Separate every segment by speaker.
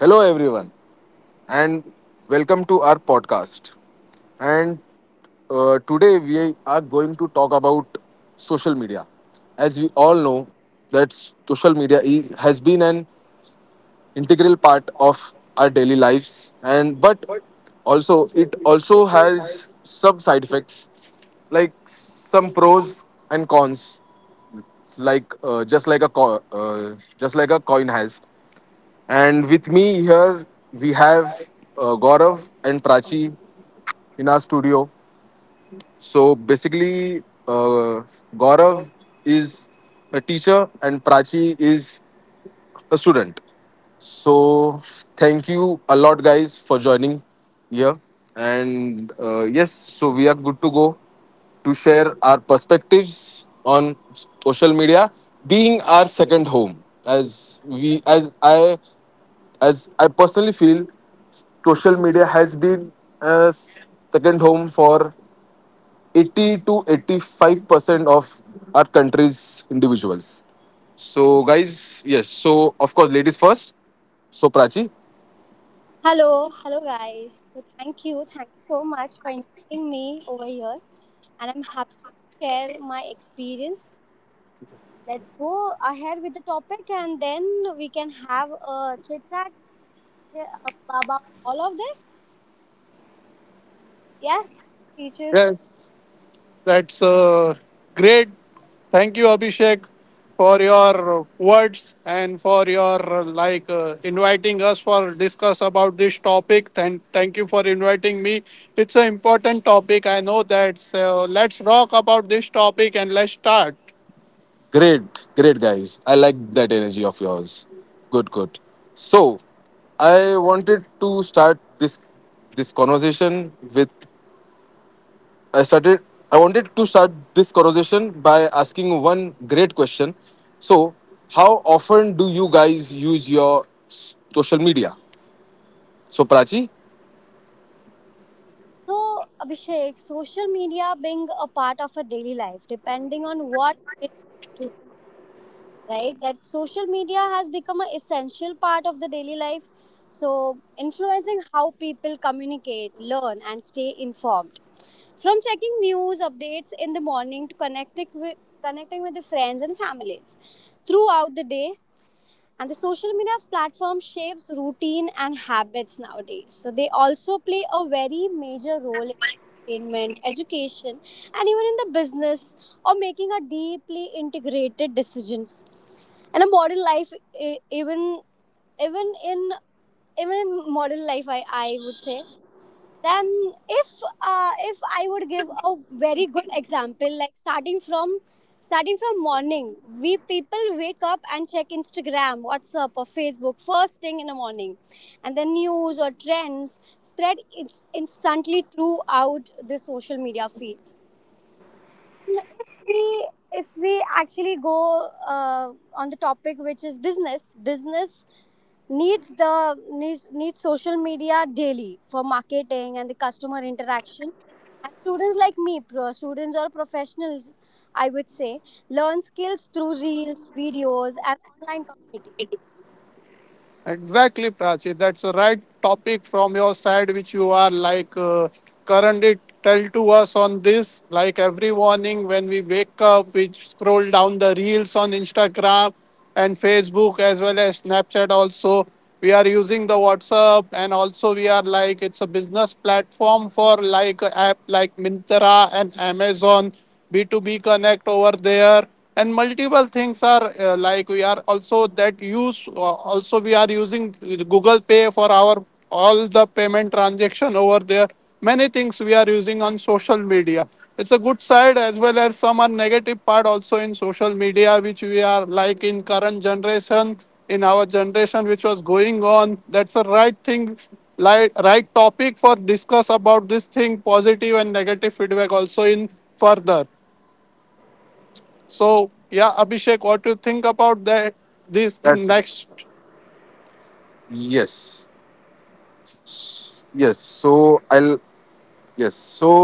Speaker 1: Hello, everyone, and welcome to our podcast. And Today we are going to talk about social media. As we all know, that social media is, has been an integral part of our daily lives, and but also it also has some side effects, like some pros and cons, like just like a coin has. And with me here, we have Gaurav and Prachi in our studio. So basically, uh, Gaurav is a teacher and Prachi is a student. So thank you a lot, guys, for joining here. And Yes, so we are good to go to share our perspectives on social media being our second home as we as I personally feel, social media has been a second home for 80 to 85% of our country's individuals. So, guys, yes. So, of course, ladies first. So, Prachi,
Speaker 2: Hello, hello guys. So thank you so much for inviting me over here, and I'm happy to share my experience. Let's go ahead with the topic, and then we can have a chit chat about all of this. Yes, teachers.
Speaker 3: Yes, that's great. Thank you, Abhishek, for your words and for your inviting us for discuss about this topic. And thank you for inviting me. It's an important topic. I know that. So let's talk about this topic and let's start.
Speaker 1: great, great, guys. I like that energy of yours. Good, good. So, I wanted to start this conversation with I started. I wanted to start this conversation by asking one great question. So, how often do you guys use your social media? So, Prachi.
Speaker 2: So Abhishek, social media being a part of our daily life, depending on what it leads to. Right that social media has become an essential part of the daily life, so influencing how people communicate, learn, and stay informed, from checking news updates in the morning to connecting with the friends and families throughout the day, and the social media platform shapes routine and habits nowadays. So they also play a very major role in entertainment, education, and even in the business, or making a deeply integrated decisions. And a modern life, e- even even in even in modern life, I would say, then if if I would give a very good example, like starting from morning, we people wake up and check Instagram, WhatsApp, or Facebook first thing in the morning, and the news or trends spread instantly throughout the social media feeds. No, if we actually go on the topic which is business. Needs the needs needs social media daily for marketing and the customer interaction, and students like me, pro students or professionals, I would say, learn skills through reels, videos, and online communities.
Speaker 3: Exactly, Prachi. That's the right topic from your side, which you are currently tell to us on this. Like every morning when we wake up, we scroll down the reels on Instagram and Facebook as well as Snapchat. Also, we are using the WhatsApp, and also we are like it's a business platform for like a app like Mintra and Amazon B two B Connect over there, and multiple things are like we are also that use also we are using google pay for our all the payment transaction over there. Many things we are using on social media. It's a good side, as well as some are negative part also in social media, which we are like in current generation, in our generation, which was going on. That's a right thing, like right topic for discuss about this thing, positive and negative feedback also in further. So yeah, Abhishek, what do you think about that? This in
Speaker 1: That's
Speaker 3: next.
Speaker 1: yes, yes. So I'll yes. So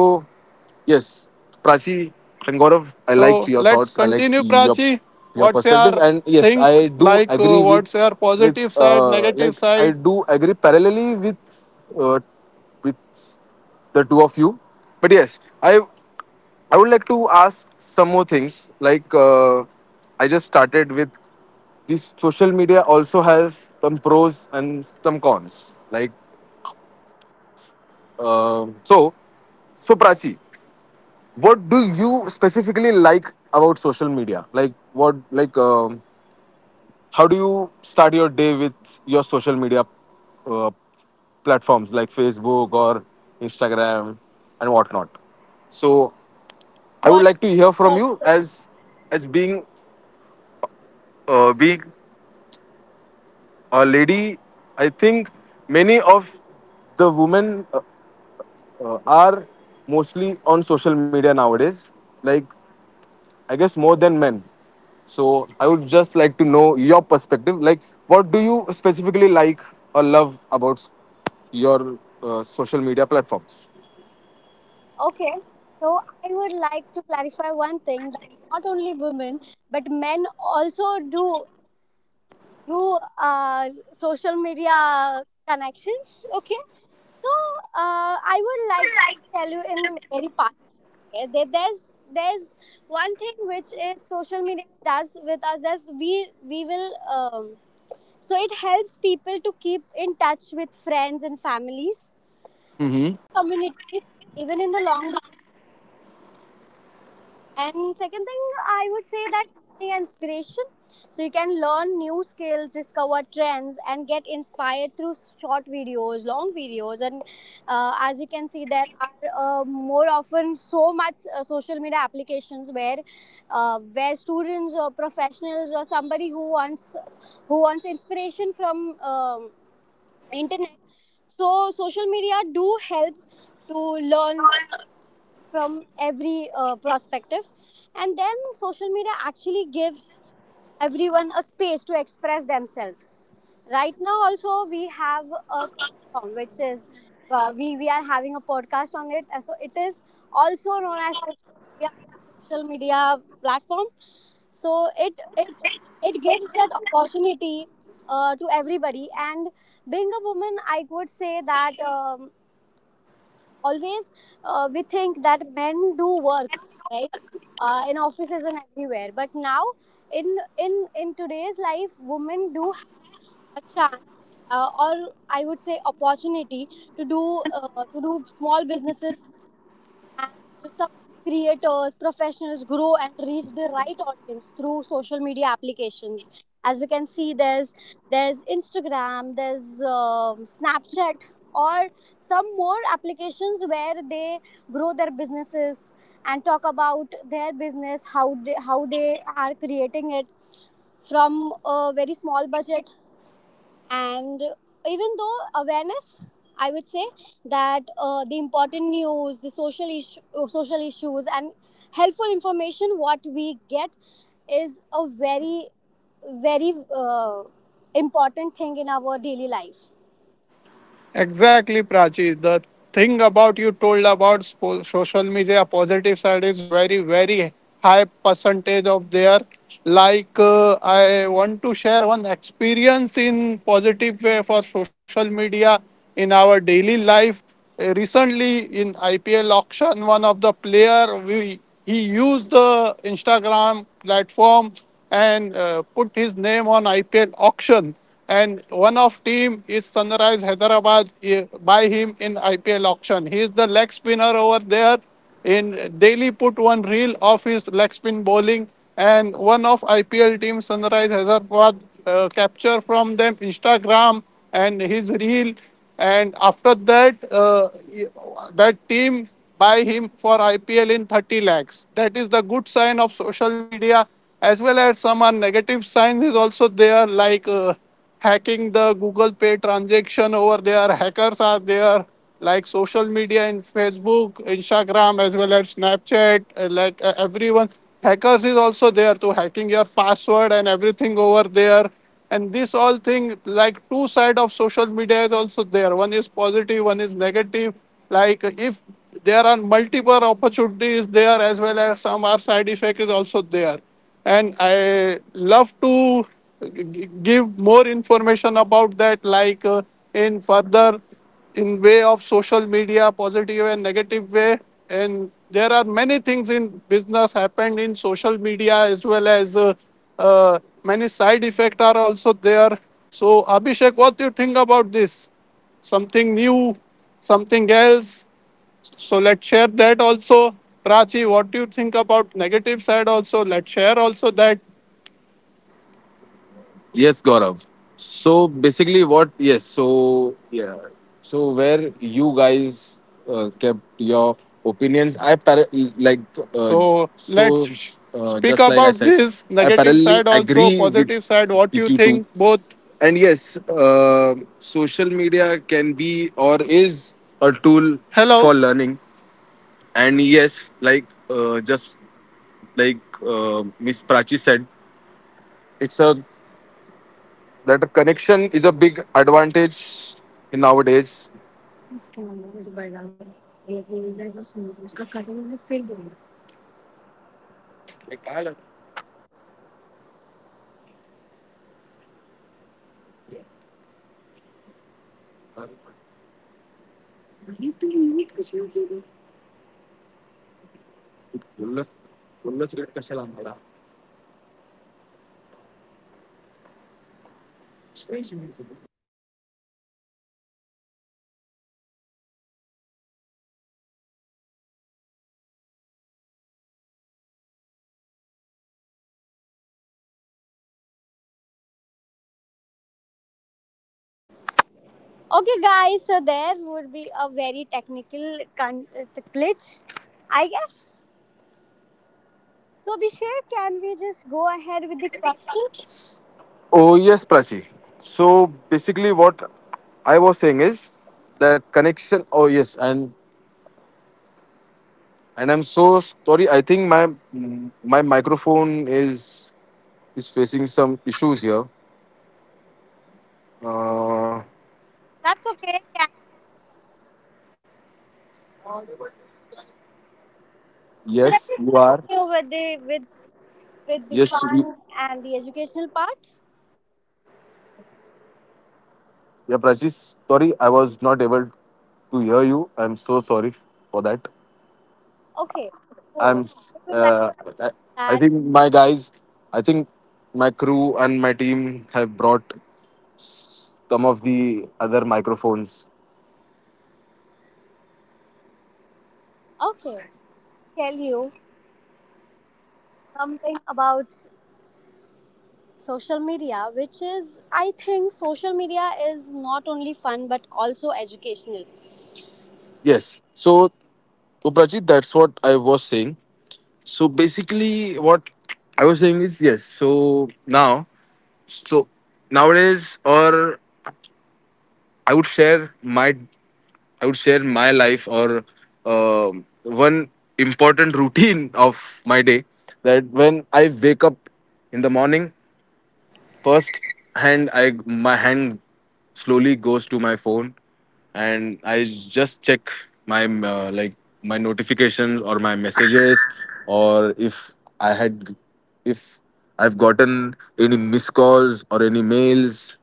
Speaker 1: Yes, Prachi and Gaurav, I liked
Speaker 3: So
Speaker 1: your
Speaker 3: let's
Speaker 1: thoughts. I liked
Speaker 3: continue, Prachi.
Speaker 1: your
Speaker 3: What's
Speaker 1: perspective,
Speaker 3: your
Speaker 1: and yes,
Speaker 3: think
Speaker 1: I do
Speaker 3: like?
Speaker 1: agree
Speaker 3: What's your
Speaker 1: with
Speaker 3: positive side, negative
Speaker 1: like I
Speaker 3: side?
Speaker 1: do agree parallelly with uh, with the two of you. But yes, I would like to ask some more things. I just started with this. Social media also has some pros and some cons. Um so, so, Prachi, what do you specifically like about social media, like what like how do you start your day with your social media uh, platforms like Facebook or Instagram and whatnot? So I would
Speaker 2: What
Speaker 1: like to hear
Speaker 2: is
Speaker 1: from you
Speaker 2: positive?
Speaker 1: as as being being a lady. I think many of the women are mostly on social media nowadays, like I guess more than men. So I would just like to know your perspective. Like, what do you specifically like or love about your social media platforms?
Speaker 2: Okay, so I would like to clarify one thing, that not only women but men also do through social media connections. Okay, so I would like to tell you in very partitions. Okay, there's one thing which is social media does with us is we will so it helps people to keep in touch with friends and families,
Speaker 1: Mm-hmm.
Speaker 2: communities, even in the long. And second thing, I would say that learning and inspiration. So you can learn new skills, discover trends, and get inspired through short videos, long videos. And as you can see, there are more often so much social media applications where where students or professionals or somebody who wants inspiration from. Internet, so social media do help to learn from every perspective. And then social media actually gives everyone a space to express themselves. Right now, also we have a platform which is, we are having a podcast on it. So it is also known as social media platform. So it it it gives that opportunity to everybody. And being a woman, I would say that. Always, we think that men do work, right, in offices and everywhere, but now in today's life women do have a chance, or I would say opportunity, to do, to do small businesses, and some of the creators, professionals grow and reach the right audience through social media applications. As we can see, there's Instagram, there's Snapchat or some more applications where they grow their businesses and talk about their business, how they are creating it from a very small budget. And even though awareness, I would say that the important news, the social issues and helpful information what we get, is a very very important thing in our daily life.
Speaker 3: Exactly, Prachi. The thing about you told about social media positive side is very very high percentage of their. Like, I want to share one experience in positive way for social media in our daily life. Recently in IPL auction, one of the player we he used the Instagram platform and put his name on IPL auction. And one of team is Sunrise Hyderabad, by him in IPL auction. He is the leg spinner over there, in daily put one reel of his leg spin bowling, and one of IPL team Sunrise Hyderabad capture from them Instagram and his reel. And after that, that team buy him for IPL in 30 lakhs. That is the good sign of social media, as well as some are negative signs is also there. Like, hacking the Google Pay transaction over there. Hackers are there, like social media in Facebook, Instagram, as well as Snapchat, everyone. Hackers is also there to hacking your password and everything over there. And this all thing, like two side of social media is also there. One is positive, one is negative. Like if there are multiple opportunities there, as well as some are side effect is also there, and I love to give more information about that like in further, in way of social media positive and negative way. And there are many things in business happened in social media, as well as uh, many side effects are also there. So Abhishek, what do you think about this? Something new, something else. So let's share that also. Prachi, what do you think about negative side also? Let's share also that.
Speaker 4: Yes, Gaurav. So basically, what? Yes. So yeah. So where you guys kept your opinions, I par- like uh,
Speaker 3: So let's
Speaker 4: so
Speaker 3: sh- Speak
Speaker 4: just like I
Speaker 3: about
Speaker 4: said,
Speaker 3: this
Speaker 4: I
Speaker 3: negative
Speaker 4: parallelly
Speaker 3: side also,
Speaker 4: agree with
Speaker 3: positive side. What do you
Speaker 4: you too.
Speaker 3: think? Both.
Speaker 4: And yes, social media can be or is a tool
Speaker 3: Hello.
Speaker 4: for learning. And yes, like just like Miss Prachi said, it's a that connection is a big advantage in nowadays.
Speaker 2: Okay guys, so there would be a very technical glitch, I guess. So Bishir, can we just go ahead with the questions?
Speaker 4: Oh yes, Prachi. So basically, what I was saying is that connection. Oh yes, and I'm so sorry. I think my microphone is facing some issues here. Uh,
Speaker 2: Should I
Speaker 4: yes,
Speaker 2: just
Speaker 4: you are.
Speaker 2: continue with the with the
Speaker 4: Yes, you,
Speaker 2: fun and the educational part?
Speaker 4: yeah, Prachi. Sorry, I was not able to hear you. I'm so sorry for that.
Speaker 2: Okay. Oh,
Speaker 4: I'm.
Speaker 2: I would like
Speaker 4: Uh, I I
Speaker 2: that.
Speaker 4: think my guys. I think my crew and my team have brought some of the other microphones.
Speaker 2: Okay. Tell you something about social media, which is, I think social media is not only fun but also educational.
Speaker 4: Yes. So, Uprajit, that's what I was saying. So basically, what I was saying is yes. So now, so nowadays, or I would share my I would share my life or one important routine of my day that when I wake up in the morning, first hand I my hand slowly goes to my phone, and I just check my uh, like my notifications or my messages, or if I had if I've gotten any missed calls or any mails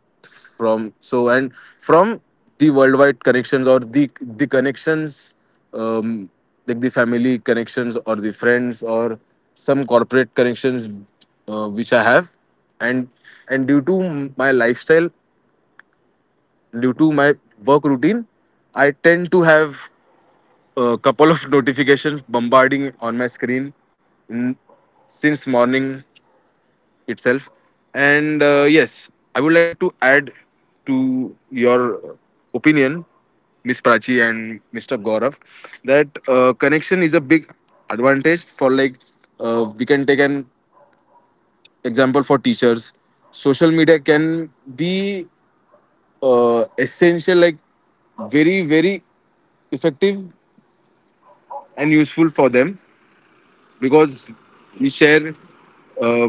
Speaker 4: from so, and from the worldwide connections or the connections, um, like the family connections or the friends or some corporate connections which I have. And and due to my lifestyle, due to my work routine, I tend to have a couple of notifications bombarding on my screen in, since morning itself. And yes, I would like to add to your opinion, Miss Prachi and Mr. Gaurav, that connection is a big advantage. For like We can take an example for teachers. Social media can be essential, like very effective and useful for them, because we share uh,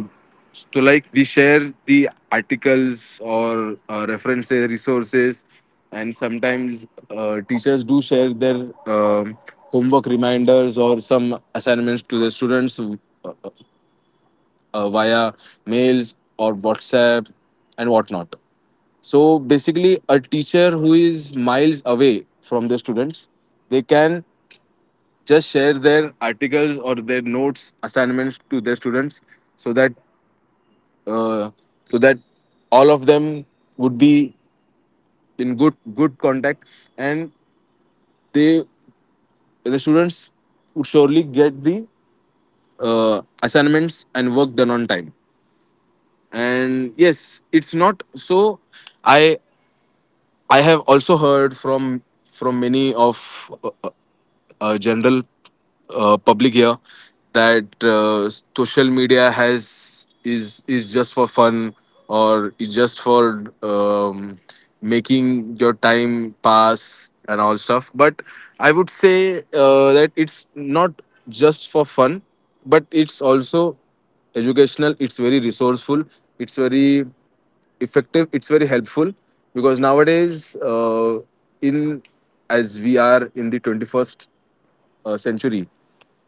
Speaker 4: we share the articles or references, resources. And sometimes teachers do share their homework reminders or some assignments to the students via mails or WhatsApp and whatnot. So basically, a teacher who is miles away from the students, they can just share their articles or their notes, assignments to their students, so that uh, so that all of them would be in good contact, and they, the students, would surely get the assignments and work done on time. And yes, it's not so, i I have also heard from many of uh, general public here, that social media has is just for fun, or is just for, making your time pass and all stuff. But I would say that it's not just for fun, but it's also educational. It's very resourceful, it's very effective, it's very helpful, because nowadays, in as we are in the 21st century,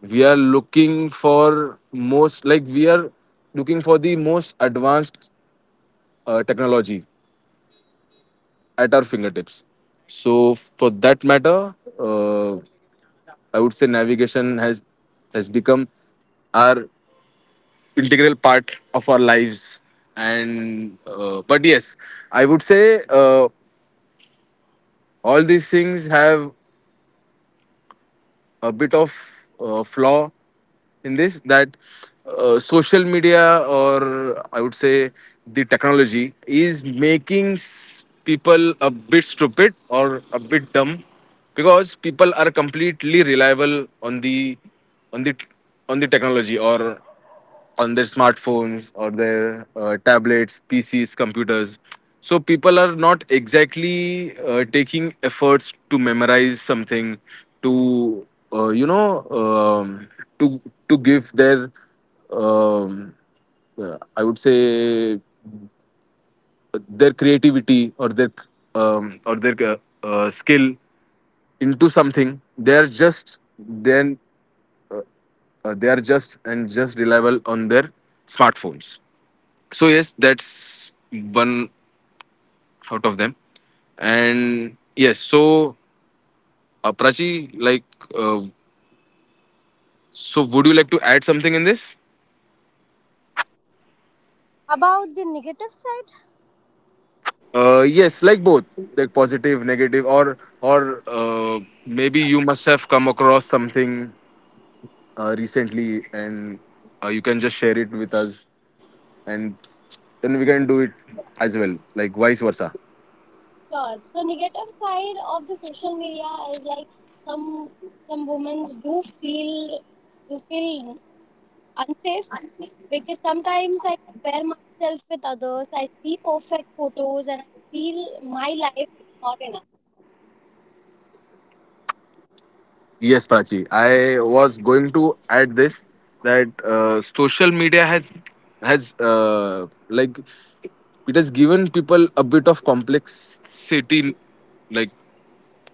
Speaker 4: we are looking for most like we are looking for the most advanced technology at our fingertips. So for that matter, uh, I would say navigation has become our integral part of our lives. And but yes, I would say all these things have a bit of flaw in this, that social media, or I would say the technology, is making s- people a bit stupid or a bit dumb, because people are completely reliable on the on the on the technology, or on their smartphones, or their tablets, PCs, computers. So people are not exactly taking efforts to memorize something, to uh, you know, um, to to give their, um, I would say, their creativity, or their um, or their uh, skill into something. They are just then they are just and just reliable on their smartphones. So yes, that's one out of them. And yes, so Prachi, uh, would you like to add something in this?
Speaker 2: About the negative side?
Speaker 4: Yes, like both, like positive, negative, or maybe you must have come across something recently, and you can just share it with us, and then we can do it as well, like vice versa.
Speaker 2: Sure. So negative side of the social media is like, some some women do feel unsafe, because sometimes I compare myself with others. I see perfect photos and I feel my life is not enough.
Speaker 4: Yes, Pachi. I was going to add this, that social media has like it has given people a bit of complexity, like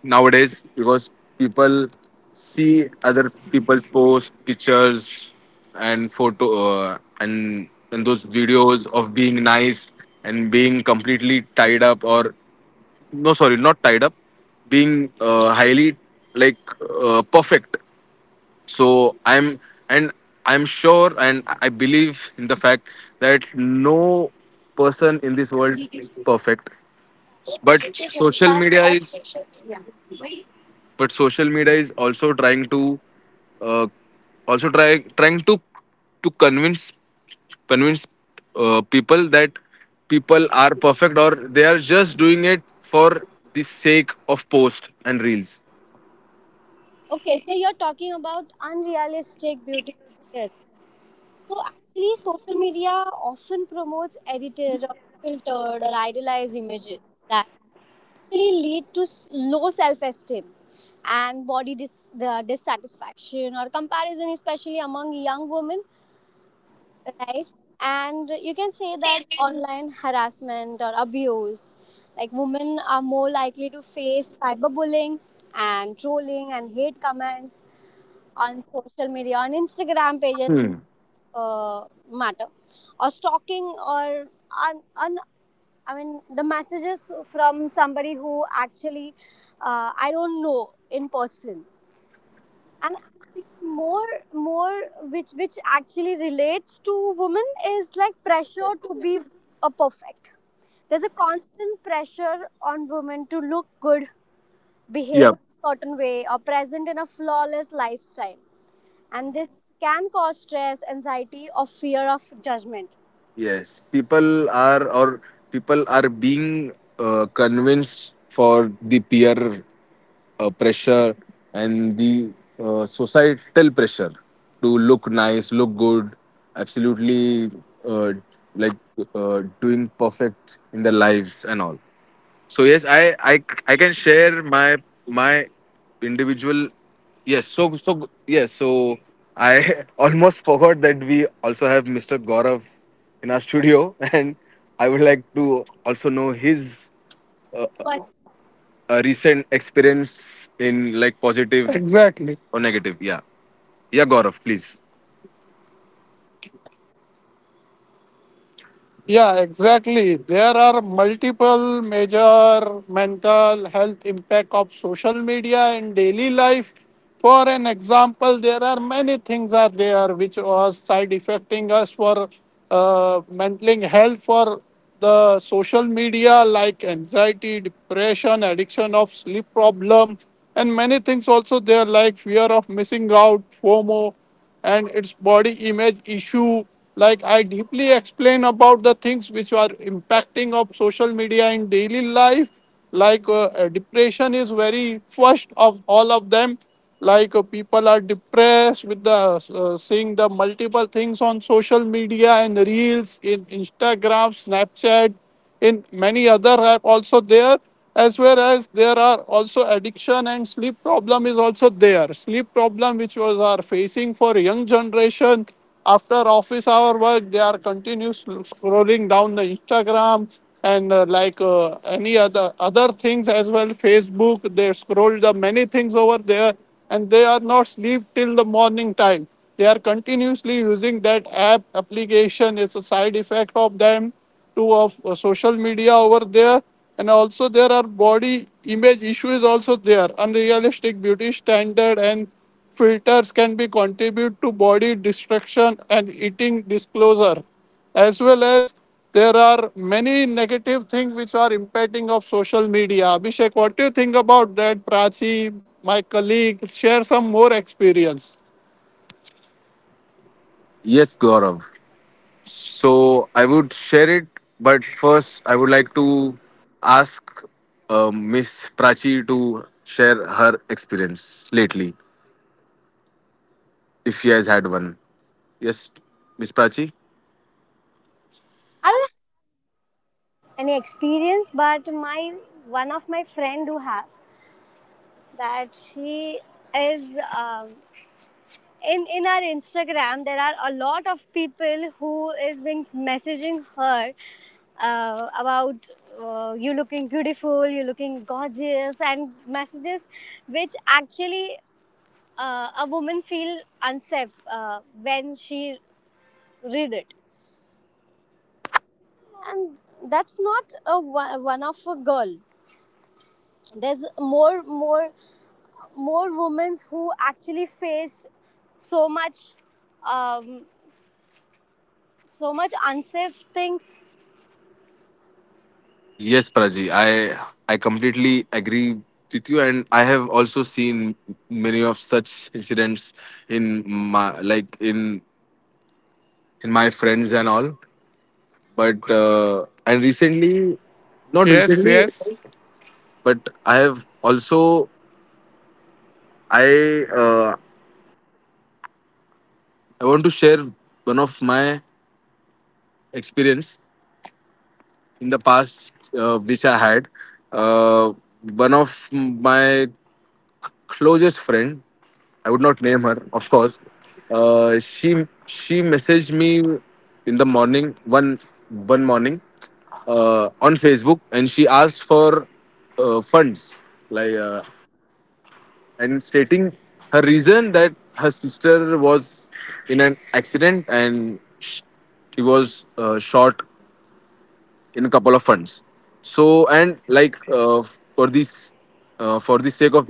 Speaker 4: nowadays, because people see other people's posts, pictures, and photo, and those videos of being nice and being completely tied up, or no, sorry, not tied up, being highly like perfect. So and I'm sure, and I believe in the fact that no person in this world is perfect, but social media is also trying to uh, also try trying to convince convince people, that people are perfect, or they are just doing it for the sake of post and reels.
Speaker 2: Okay, so you're talking about unrealistic beauty standards. So actually, social media often promotes edited or filtered or idealized images that really lead to low self-esteem and the dissatisfaction or comparison, especially among young women, right? And you can say that online harassment or abuse, like women are more likely to face cyberbullying and trolling and hate comments on social media, on Instagram pages,
Speaker 4: Hmm.
Speaker 2: uh, matter, or stalking or un, un, I mean the messages from somebody who actually, I don't know in person. And actually, more which actually relates to women is like pressure to be a perfect. There's a constant pressure on women to look good, behave
Speaker 4: Yeah.
Speaker 2: a certain way or present in a flawless lifestyle, and this can cause stress, anxiety, or fear of judgment.
Speaker 4: Yes, people are, or people are being convinced for the peer pressure, and the societal pressure, to look nice, look good, absolutely, uh, like doing perfect in their lives and all. So yes, I can share my my individual. Yes, yes, so I almost forgot that we also have Mr. Gaurav in our studio, and I would like to also know his
Speaker 2: But
Speaker 4: recent experience, in like positive
Speaker 3: Exactly.
Speaker 4: or negative. Yeah, yeah, Gaurav, please.
Speaker 3: Yeah, exactly. There are multiple major mental health impact of social media in daily life. For an example, there are many things are there which was side affecting us for mental health for the social media, like anxiety, depression, addiction of sleep problem, and many things also there, like fear of missing out, FOMO, and its body image issue. Like I deeply explain about the things which are impacting of social media in daily life. Like, depression is very first of all of them. Like, people are depressed with the seeing the multiple things on social media and reels in instagram, snapchat, in many other app also there. As well as there are also addiction and sleep problem is also there. Sleep problem which was are facing for young generation. After office hour work, they are continuous scrolling down the instagram and any other things as well, facebook. They scroll the many things over there, and they are not sleep till the morning time. They are continuously using that app application. It's a side effect of them to of social media over there. And also there are body image issues also there. Unrealistic beauty standard and filters can be contribute to body destruction and eating disclosure. As well as there are many negative things which are impacting of social media. Abhishek, what do you think about that? Prachi, my colleague, share some more experience.
Speaker 4: Yes, Gaurav. So I would share it, but first I would like to ask Miss Prachi to share her experience lately, if she has had one. Yes, Miss Prachi.
Speaker 2: I don't have any experience, but my one of my friend do have, that she is, um, in our Instagram, there are a lot of people who is been messaging her about, you looking beautiful, you looking gorgeous, and messages which actually, a woman feel unsafe when she read it. And that's not a one of a girl. There's more women who actually faced so much, um, so much unsafe things.
Speaker 4: Yes, Prachi. I completely agree with you, and I have also seen many of such incidents in my like in my friends and all. But and recently, not
Speaker 3: Yes,
Speaker 4: recently,
Speaker 3: yes.
Speaker 4: but I have also I uh, I want to share one of my experience in the past which I had. Uh, One of my closest friend, I would not name her, of course. She messaged me in the morning, one morning, on Facebook, and she asked for funds like. And stating her reason, that her sister was in an accident, and sh- she was shot in a couple of funds. So and like for this for the sake of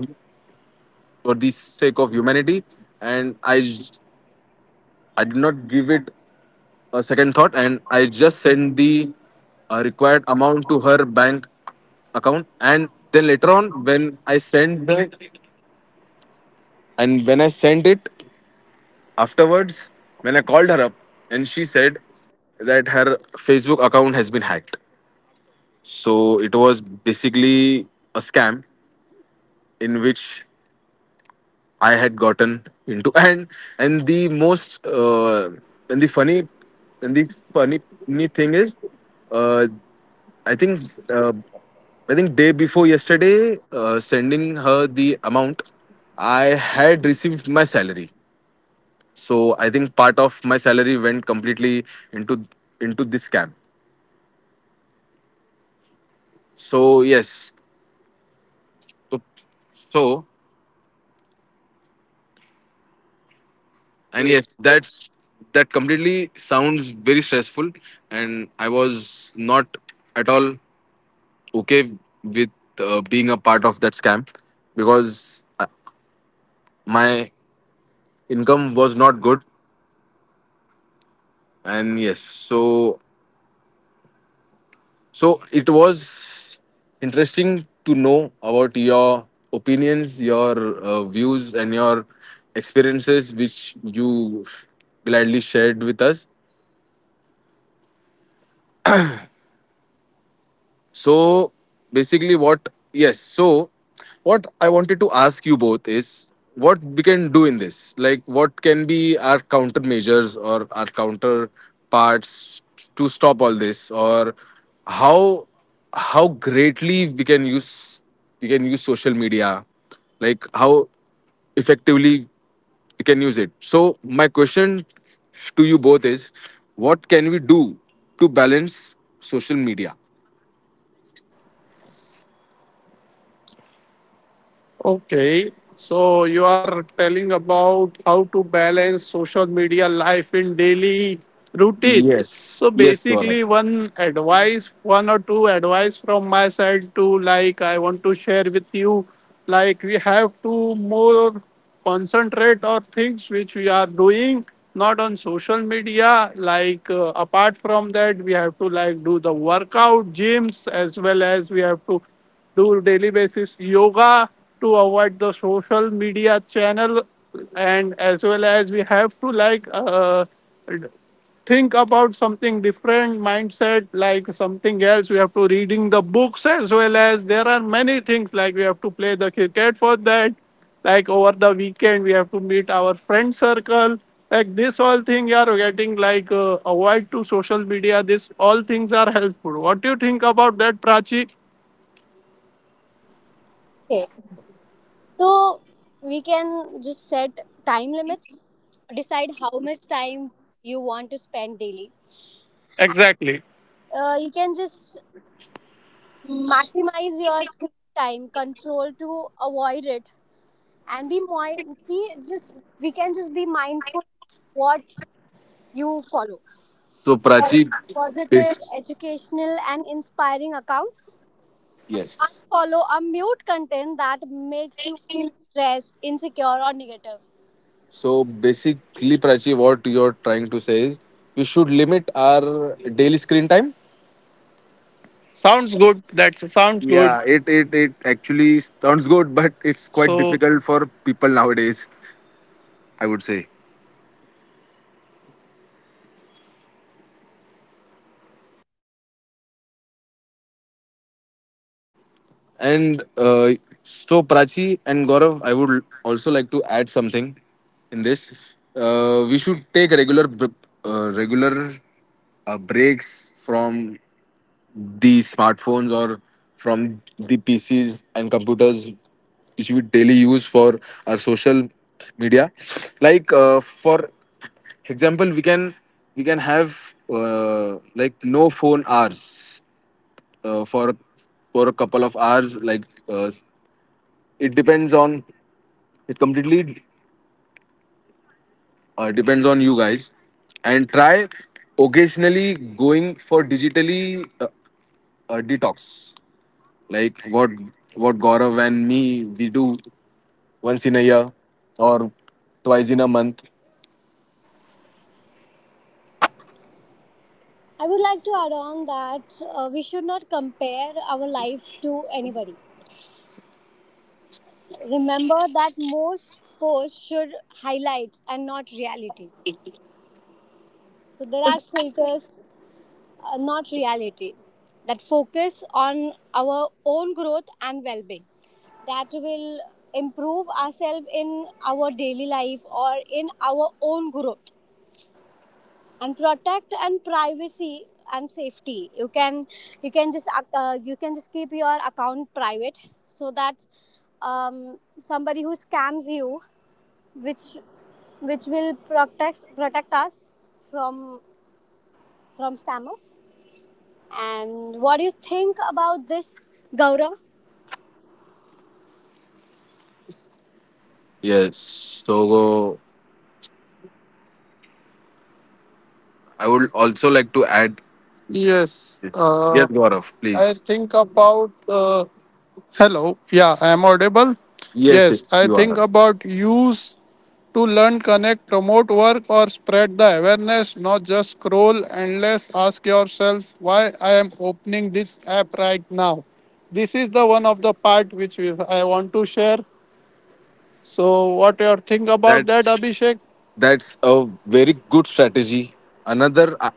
Speaker 4: humanity, and I did not give it a second thought, and I just sent the required amount to her bank account. And then later on, when I sent the, and when I sent it afterwards, when I called her up, and she said that her Facebook account has been hacked. So it was basically a scam, in which I had gotten into, and the most and the funny and the funny funny thing is, uh, I think uh, I think day before yesterday, sending her the amount, I had received my salary. So I think part of my salary went completely into into this scam. So yes, so, so
Speaker 2: And
Speaker 4: and
Speaker 2: yes,
Speaker 4: yes
Speaker 2: that's.
Speaker 4: that's that completely sounds very stressful. And I was not at all okay with being a part of that scam, because my income was not good. And yes, so, so it was interesting to know about your opinions, your views, and your experiences, which you gladly shared with us. So basically, what yes, so what I wanted to ask you both is, what we can do in this. Like, what can be our countermeasures or our counterparts to stop all this, or how how greatly we can use, social media, like how effectively we can use it. So my question to you both is, what can we do to balance social media?
Speaker 3: Okay, so you are telling about how to balance social media life in daily routine.
Speaker 4: Yes,
Speaker 3: So
Speaker 4: yes, Gaurav.
Speaker 3: basically, one advice, one or two advice from my side to like I want to share with you, like we have to more concentrate on things which we are doing, not on social media. Like, apart from that, we have to like do the workout, gyms, as well as we have to do daily basis yoga to avoid the social media channel. And as well as we have to like think about something different mindset, like something else. We have to reading the books, as well as there are many things, like we have to play the cricket for that. Like over the weekend, we have to meet our friend circle. Like this all thing you are getting, like, avoid to social media. This all things are helpful. What do you think about that, Prachi?
Speaker 2: Okay, so we can just set time limits, decide how much time you want to spend daily.
Speaker 3: Exactly.
Speaker 2: You can just maximize your screen time control to avoid it, and be moi- be just we can just be mindful what you follow.
Speaker 4: So
Speaker 2: Follow
Speaker 4: Prachi,
Speaker 2: positive,
Speaker 4: this
Speaker 2: educational, and inspiring accounts. And
Speaker 4: yes.
Speaker 2: unfollow or mute content that makes you feel stressed, insecure, or negative.
Speaker 4: So basically, Prachi, what you're trying to say is, we should limit our daily screen time.
Speaker 3: Sounds good. That sounds good.
Speaker 4: Yeah, it actually sounds good, but it's quite
Speaker 3: So
Speaker 4: difficult for people nowadays. I would say. And so Prachi and Gaurav, I would also like to add something in this. We should take regular breaks from the smartphones, or from the PCs and computers, which we daily use for our social media. Like for example, we can have like no phone hours uh, for for a couple of hours. Like uh, it depends on it completely depends on you guys, and try occasionally going for digitally uh, detox, like what Gaurav and me we do once in a year, or twice in a month.
Speaker 2: I would like to add on that, we should not compare our life to anybody. Remember that most posts should highlight and not reality. So there are filters, not reality, that focus on our own growth and well being. That will improve ourselves in our daily life or in our own growth. And protect and privacy and safety, you can, you can just keep your account private, so that somebody who scams you, which which will protect us from scammers. And what do you think about this, Gaurav?
Speaker 4: Yes. So I would also like to add.
Speaker 3: yes,
Speaker 4: Yes, Gaurav,
Speaker 3: I
Speaker 4: please.
Speaker 3: think about. Hello. Yeah, I am audible.
Speaker 4: Yes,
Speaker 3: Yes,
Speaker 4: yes,
Speaker 3: I
Speaker 4: you
Speaker 3: think
Speaker 4: are.
Speaker 3: about use to learn, connect, promote work, or spread the awareness. Not just scroll endless. Ask yourself why I am opening this app right now. This is the one of the part which I want to share. So, what your think about that,
Speaker 4: That's
Speaker 3: Abhishek?
Speaker 4: that's a very good strategy. Another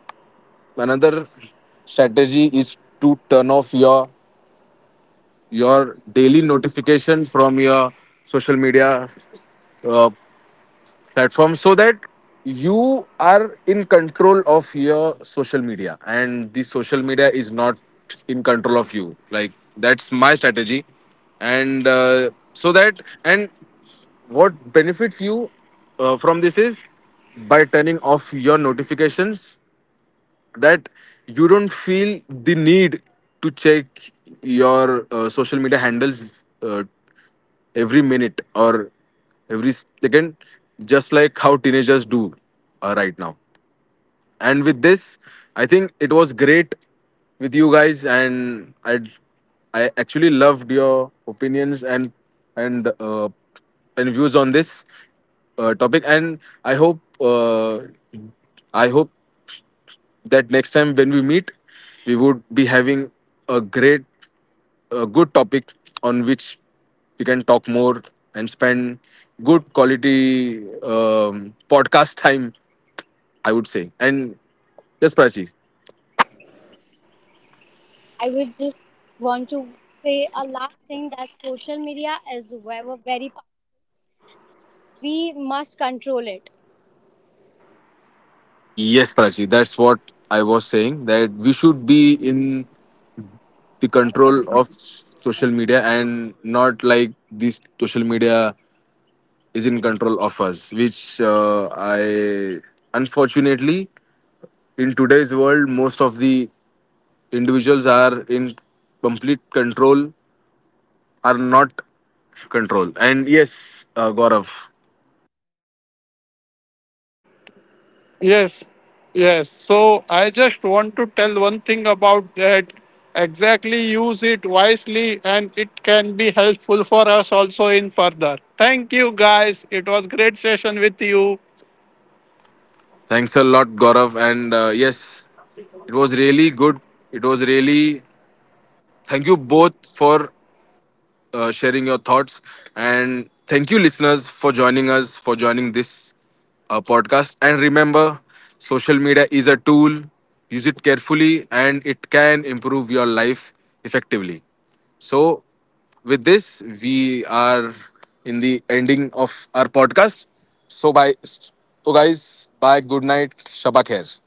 Speaker 4: another strategy is to turn off your daily notifications from your social media uh, platform, so that you are in control of your social media, and the social media is not in control of you. Like that's my strategy. And so that, and what benefits you from this is, by turning off your notifications, that you don't feel the need to check your social media handles every minute or every second, just like how teenagers do right now. And with this, I think it was great with you guys, and I actually loved your opinions and and uh, and views on this topic. And I hope I hope that next time when we meet, we would be having a great, a good topic on which we can talk more, and spend good quality podcast time, I would say. And yes, Prachi.
Speaker 2: I would just want to say a last thing, that social media is very, very pow-. We must control it.
Speaker 4: Yes, Prachi. That's what I was saying, that we should be in the control of social media, and not like this, social media is in control of us, which I unfortunately, in today's world, most of the individuals are in complete control, are not control. And yes, Gaurav,
Speaker 3: Yes, yes. So I just want to tell one thing about that. Exactly, use it wisely, and it can be helpful for us also in further. Thank you, guys. It was great session with you.
Speaker 4: thanks a lot, Gaurav. And yes, it was really good, it was really, thank you both for sharing your thoughts. And thank you, listeners, for joining us, for joining this podcast. And remember, social media is a tool. Use it carefully, and it can improve your life effectively. So, with this, we are in the ending of our podcast. So, bye. So, guys, bye. Good night. Shabakher.